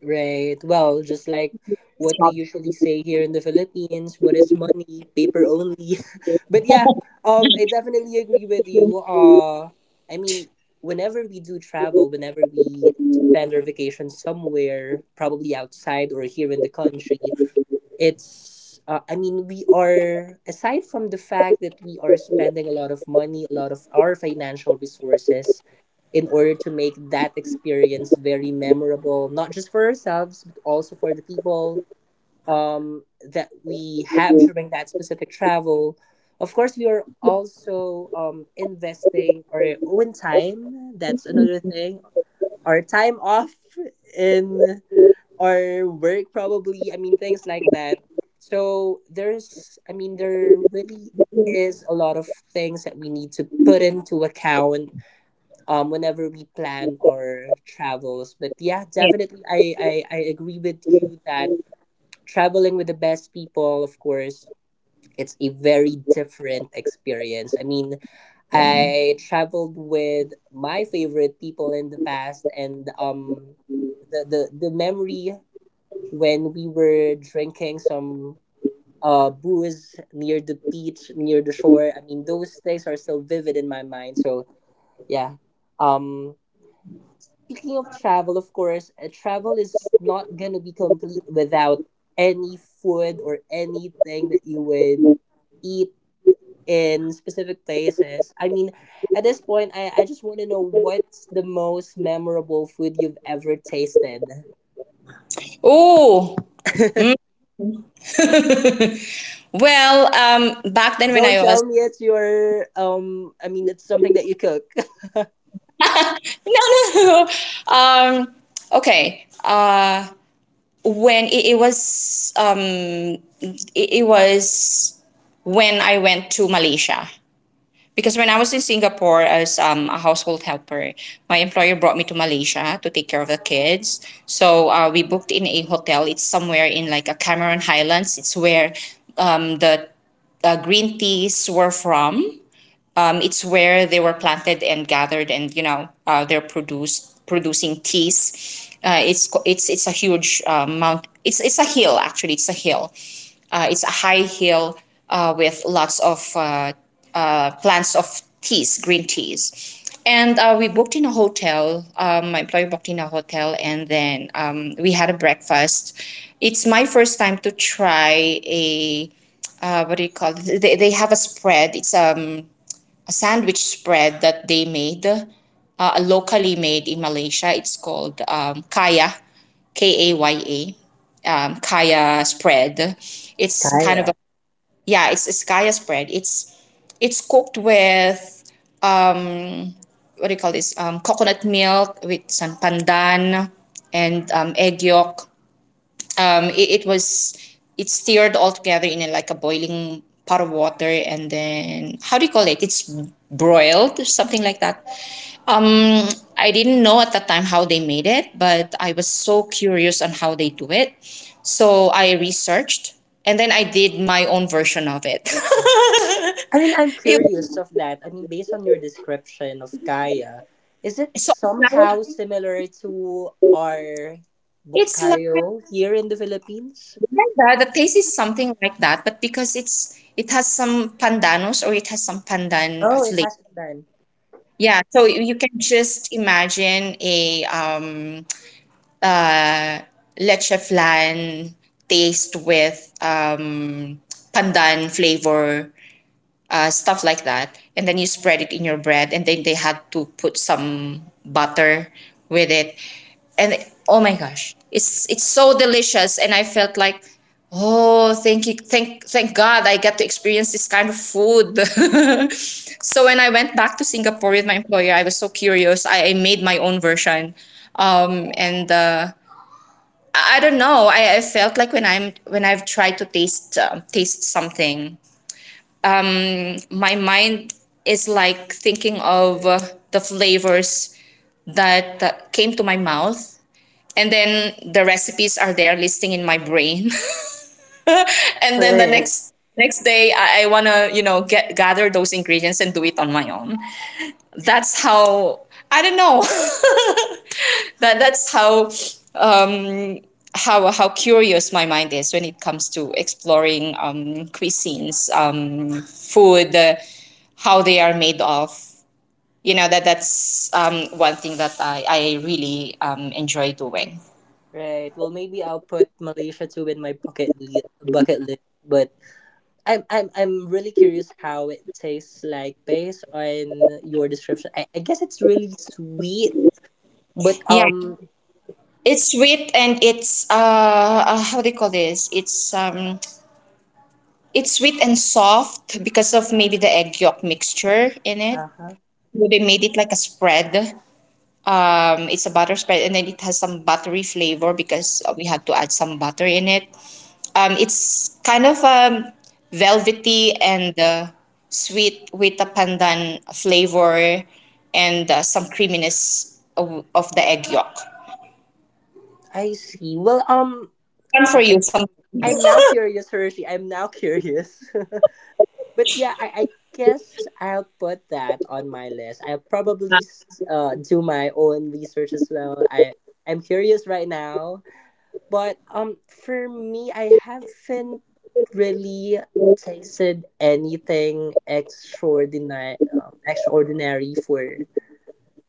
A: Right. Well, just like what we usually say here in the Philippines, what is money? Paper only. But yeah, um, I definitely agree with you. Uh, I mean, whenever we do travel, whenever we spend our vacation somewhere, probably outside or here in the country, it's uh, I mean, we are, aside from the fact that we are spending a lot of money, a lot of our financial resources, in order to make that experience very memorable, not just for ourselves, but also for the people, um, that we have during that specific travel. Of course, we are also um, investing our own time. That's another thing. Our time off in or work probably, I mean, things like that. So there's, I mean, there really is a lot of things that we need to put into account um whenever we plan our travels. But yeah, definitely, i i, I agree with you that traveling with the best people, of course, it's a very different experience. I mean, I traveled with my favorite people in the past, and um, the the the memory when we were drinking some uh booze near the beach near the shore. I mean, those things are still vivid in my mind, so yeah. um Speaking of travel, of course, uh, travel is not gonna be complete without any food or anything that you would eat in specific places. I mean, at this point, i, I just want to know, what's the most memorable food you've ever tasted?
B: Oh, well, um back then when
A: Don't
B: I was
A: tell me it's your um I mean it's something that you cook.
B: no, no, no. um okay uh when it, it was um it, it was when I went to Malaysia. Because when I was in Singapore as um, a household helper, my employer brought me to Malaysia to take care of the kids. So uh, we booked in a hotel. It's somewhere in like a Cameron Highlands. It's where um, the uh, green teas were from. Um, it's where they were planted and gathered, and you know uh, they're produced producing teas. Uh, it's co- it's it's a huge uh, mount. It's it's a hill actually. It's a hill. Uh, it's a high hill uh, with lots of uh, uh, plants of teas, green teas. And uh, we booked in a hotel. Um, my employer booked in a hotel, and then um, we had a breakfast. It's my first time to try a uh, what do you call it? They, they have a spread. It's um Sandwich spread that they made, uh, locally made in Malaysia. It's called um, kaya, K A Y A, um, kaya spread. It's kind of a
A: Kaya.
B: yeah, it's, it's kaya spread. It's it's cooked with um, what do you call this? Um, coconut milk with some pandan and um, egg yolk. Um, it, it was it stirred all together in a, like a boiling pot of water, and then how do you call it? It's broiled, something like that. I didn't know at that time how they made it, but I was so curious on how they do it, so I researched, and then I did my own version of it.
A: I mean, I'm
B: it
A: curious of that. I mean, based on your description of Kaya, is it
B: so now
A: somehow similar to our
B: it's like
A: Bukayo here in the Philippines?
B: Yeah, the taste is something like that, but because it's it has some pandanos or it has some pandan
A: Oh, it
B: flavor.
A: has been.
B: Yeah, so you you can just imagine a um, leche flan taste with um, pandan flavor, uh, stuff like that. And then you spread it in your bread, and then they had to put some butter with it. And oh my gosh, it's it's so delicious. And I felt like, oh, thank you, thank thank God, I get to experience this kind of food. So when I went back to Singapore with my employer, I was so curious. I, I made my own version. Um, and uh, I I don't know. I, I felt like when I'm when I've tried to taste um taste something, my mind is like thinking of uh, the flavors that uh, came to my mouth, and then the recipes are there listing in my brain. And then the
A: Right.
B: next next day i, I want to you know get gather those ingredients and do it on my own. That's how, I don't know. that that's how, um how how curious my mind is when it comes to exploring um cuisines, um food, uh, how they are made of, you know. That that's um, one thing that I, I really um, enjoy doing.
A: Right. Well, maybe I'll put Malaysia too in my bucket li- bucket list, but I'm I'm I'm really curious how it tastes like based on your description. I, I guess it's really sweet. But
B: Yeah,
A: um,
B: it's sweet and it's, uh, uh how do you call this? It's um it's sweet and soft because of maybe the egg yolk mixture in it.
A: uh-huh.
B: So they made it like a spread. Um, it's a butter spread, and then it has some buttery flavor because uh, we had to add some butter in it. Um, it's kind of um, velvety and uh, sweet with a pandan flavor and uh, some creaminess of, of the egg yolk.
A: I see. Well, um,
B: One for
A: yeah, I,
B: you, some.
A: I'm now curious, Hershey. I'm now curious. But yeah, I, I guess I'll put that on my list. I'll probably s- uh do my own research as well. I I'm curious right now, but um, for me, I haven't really tasted anything extraordinary um, extraordinary for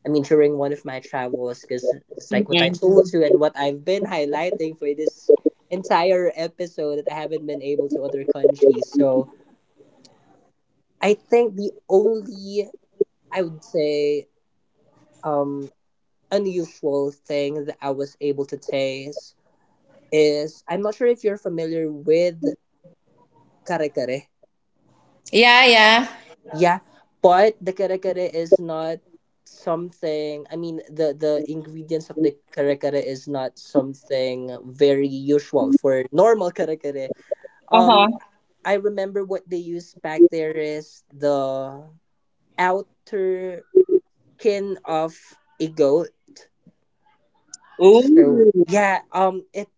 A: I mean, during one of my travels, because it's like what I
B: Mhm.
A: told you and what I've been highlighting for this entire episode, that I haven't been able to other countries. So I think the only, I would say, um, unusual thing that I was able to taste is, I'm not sure if you're familiar with kare kare.
B: Yeah, yeah.
A: Yeah, but the kare kare is not something. I mean, the the ingredients of the kare kare is not something very usual for normal kare kare.
B: Uh huh.
A: Um, I remember what they use back there is the outer skin of a goat. So
B: Ooh.
A: yeah, um, it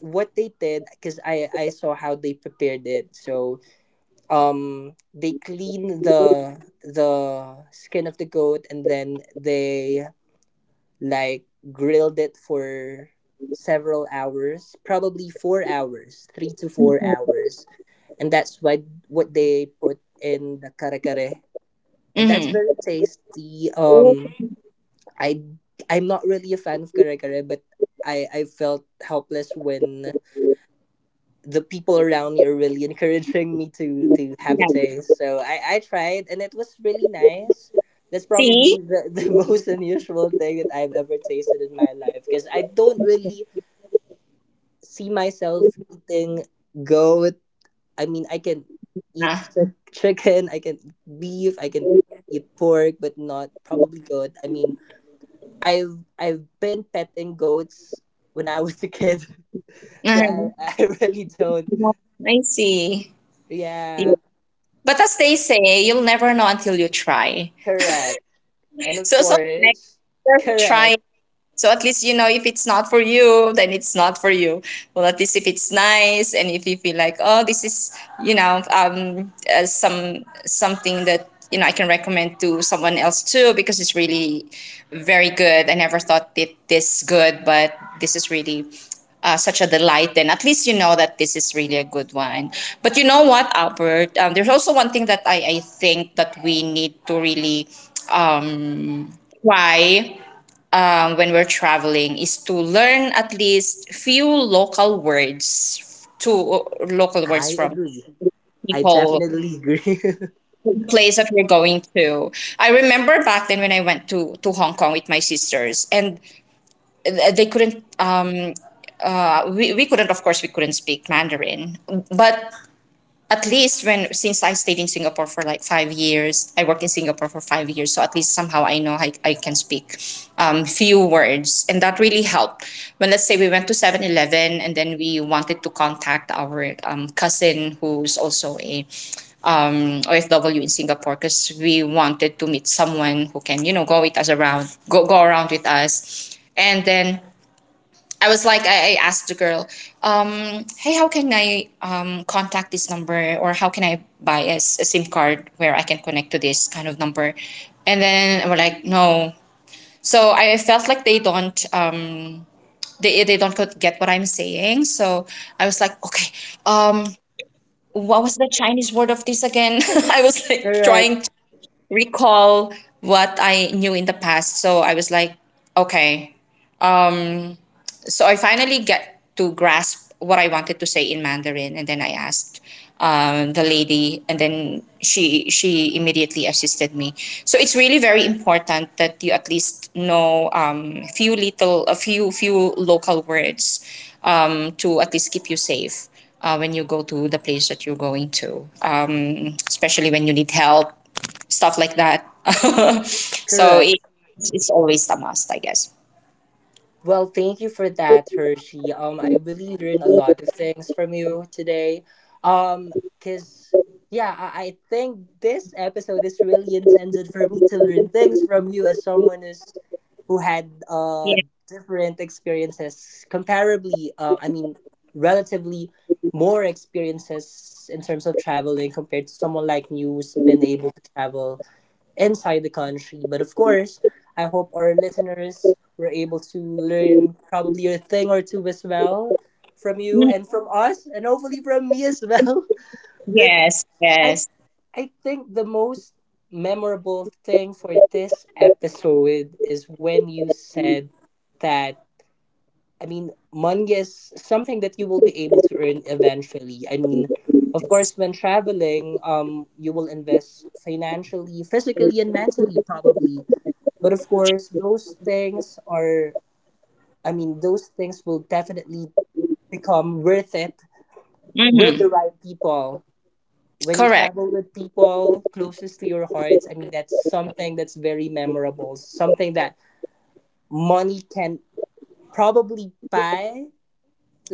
A: what they did, because I I saw how they prepared it. So um, they clean the the skin of the goat, and then they like grilled it for several hours, probably four hours, three to four hours, and that's what what they put in the kare kare, and that's
B: Mm-hmm.
A: very tasty. um i I'm not really a fan of kare kare, but i i felt helpless when the people around me are really encouraging me to to have a taste. So I, I tried, and it was really nice. That's
B: See?
A: probably the, the most unusual thing that I've ever tasted in my life, because I don't really see myself eating goat. I mean, I can eat
B: Ah.
A: chi- chicken, I can eat beef, I can eat pork, but not probably goat. I mean, I've I've been petting goats when I was a kid, so I,
B: Mhm.
A: I really don't.
B: I see. Yeah.
A: Yeah,
B: But as they say, you'll never know until you try.
A: correct. And of
B: So, so next,
A: course,
B: just try.
A: correct.
B: So at least you know if it's not for you, then it's not for you. Well, at least if it's nice and if you feel like, oh, this is, you know um uh, some something that, you know I can recommend to someone else too because it's really very good. I never thought it this good, but this is really. Uh, such a delight. Then at least you know that this is really a good one. But you know what, Albert, um, there's also one thing that I, I think that we need to really um, try, um, when we're traveling, is to learn at least few local words to local words
A: I
B: from
A: agree. I
B: people,
A: definitely agree.
B: place that we're going to. I remember back then when I went to to Hong Kong with my sisters, and th- they couldn't uh, we, we couldn't, of course we couldn't, speak Mandarin. But at least, when since I stayed in Singapore for like five years, I worked in Singapore for five years, so at least somehow I know I, I can speak um, few words, and that really helped. When let's say we went to Seven Eleven and then we wanted to contact our um, cousin, who's also a um, O F W in Singapore, because we wanted to meet someone who can, you know, go with us around, go go around with us. And then I was like, I, I asked the girl, um, hey, how can I um, contact this number, or how can I buy a a SIM card where I can connect to this kind of number? And then we're like, no. So I felt like they don't, um, they, they don't get what I'm saying. So I was like, okay, um, what was the Chinese word of this again? I was like
A: Correct,
B: trying to recall what I knew in the past. So I was like, okay. So I finally get to grasp what I wanted to say in Mandarin, and then I asked um, the lady, and then she she immediately assisted me. So it's really very important that you at least know um, few little a few few local words, um, to at least keep you safe uh, when you go to the place that you're going to, um, especially when you need help, stuff like that. so
A: correct.
B: it, it's always a must, I guess.
A: Well, thank you for that, Hershey. Um, I really learned a lot of things from you today. Um, cause yeah, I, I think this episode is really intended for me to learn things from you as someone is who had uh
B: Yeah.
A: different experiences, comparably. Uh, I mean, relatively more experiences in terms of traveling compared to someone like me who's been able to travel inside the country. But of course, I hope our listeners were able to learn probably a thing or two as well from you and from us, and hopefully from me as well. But
B: Yes.
A: I,
B: Yes.
A: I think the most memorable thing for this episode is when you said that I mean, money is something that you will be able to earn eventually. I mean, of course, when traveling, um, you will invest financially, physically, and mentally, probably. But of course, those things are, I mean, those things will definitely become worth it with the
B: Mhm.
A: right people. When you
B: Correct.
A: travel with people closest to your heart, I mean, that's something that's very memorable, something that money can probably buy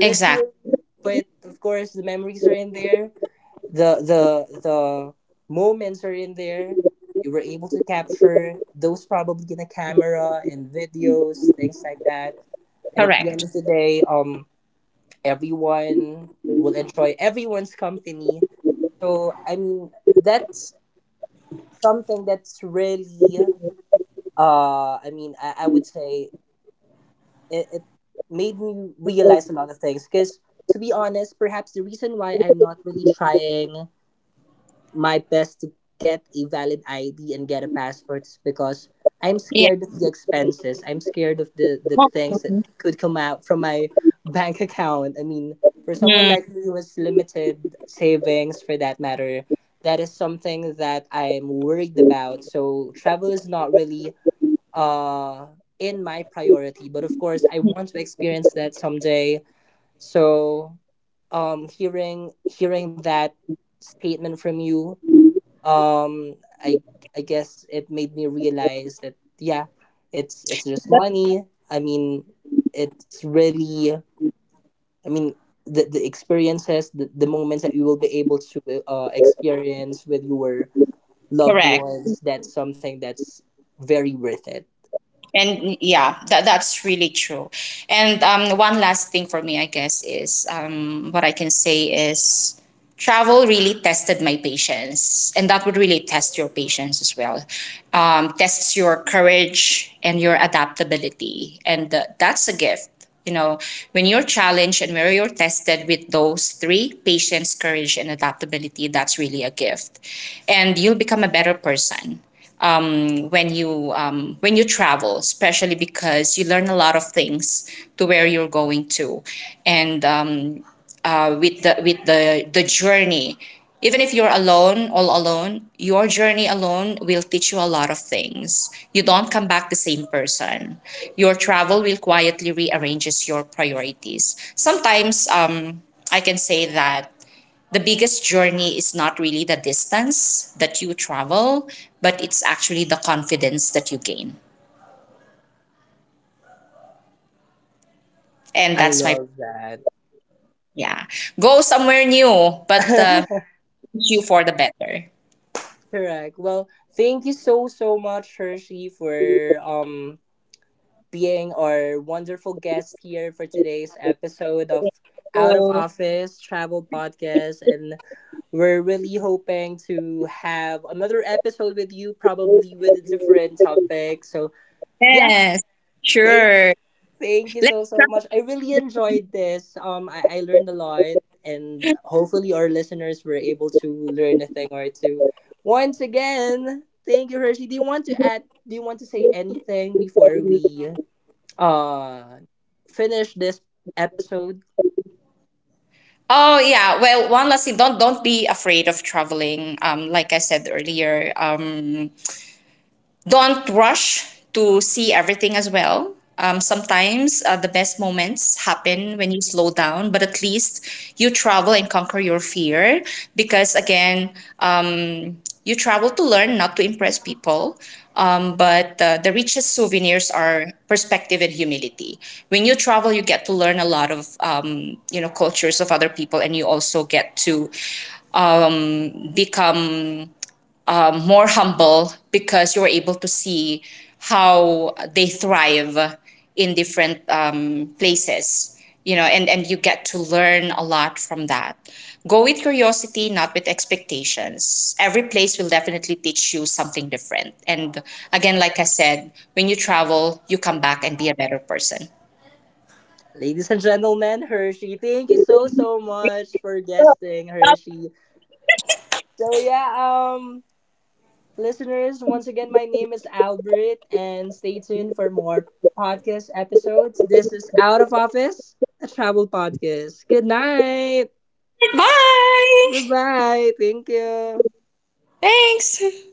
B: Exactly.
A: but of course the memories are in there, the the the moments are in there. You were able to capture those probably in a camera and videos, things like that, and at the end
B: Correct.
A: of the day, um, everyone will enjoy everyone's company. So I mean, that's something that's really uh I mean i, I would say it, it made me realize a lot of things, because to be honest, perhaps the reason why I'm not really trying my best to get a valid ID and get a passport is because I'm
B: Yeah.
A: scared of the expenses, I'm scared of the the
B: Oh,
A: things that could come out from my bank account. I mean, for someone like
B: mm.
A: me who has limited savings for that matter, that is something that I'm worried about. So travel is not really uh in my priority, but of course I want to experience that someday. So um, hearing hearing that statement from you, um, i i guess it made me realize that yeah, it's it's just
B: That's
A: money. I mean, it's really, I mean, the, the experiences, the, the moments that you will be able to uh, experience with your loved
B: correct.
A: ones, that's something that's very worth it.
B: And yeah, that that's really true. And um one last thing for me, I guess, is um what I can say is, travel really tested my patience, and that would really test your patience as well. Um tests your courage and your adaptability. And uh, that's a gift, you know. When you're challenged and where you're tested with those three, patience, courage, and adaptability, that's really a gift, and you'll become a better person um, when you, um, when you travel, especially, because you learn a lot of things to where you're going to, and um, uh, with the, with the the journey. Even if you're alone, all alone, your journey alone will teach you a lot of things. You don't come back the same person. Your travel will quietly rearranges your priorities. Sometimes, um, I can say that the biggest journey is not really the distance that you travel, but it's actually the confidence that you gain. And
A: I
B: that's my,
A: love that.
B: yeah. Go somewhere new, but uh, you for the better.
A: Correct. Well, thank you so so much, Hershey, for um being our wonderful guest here for today's episode of Out of
B: So,
A: Office Travel Podcast, and we're really hoping to have another episode with you, probably with a different topic. So yeah,
B: yes,
A: thank
B: sure.
A: thank you
B: Let-.
A: so so much. I really enjoyed this. Um, I, I learned a lot, and hopefully our listeners were able to learn a thing or two. Once again, thank you, Hershey. Do you want to add? Do you want to say anything before we uh finish this episode,
B: Oh yeah, well, one last thing. Don't don't be afraid of traveling. Um, like I said earlier, um, don't rush to see everything as well. Um, sometimes uh, the best moments happen when you slow down, but at least you travel and conquer your fear, because, again, um, you travel to learn, not to impress people. Um, but uh, the richest souvenirs are perspective and humility. When you travel, you get to learn a lot of, um, you know, cultures of other people, and you also get to become more humble, because you were able to see how they thrive in different um, places, you know. And and you get to learn a lot from that. Go with curiosity, not with expectations. Every place will definitely teach you something different. And again, like I said, when you travel, you come back and be a better person.
A: ladies and gentlemen? Hershey, thank you so so much for guesting, Hershey. So yeah, um, listeners, once again, my name is Albert, and stay tuned for more podcast episodes. This is Out of Office, a travel podcast. Good night. Bye
B: Bye.
A: bye. Thank you.
B: Thanks.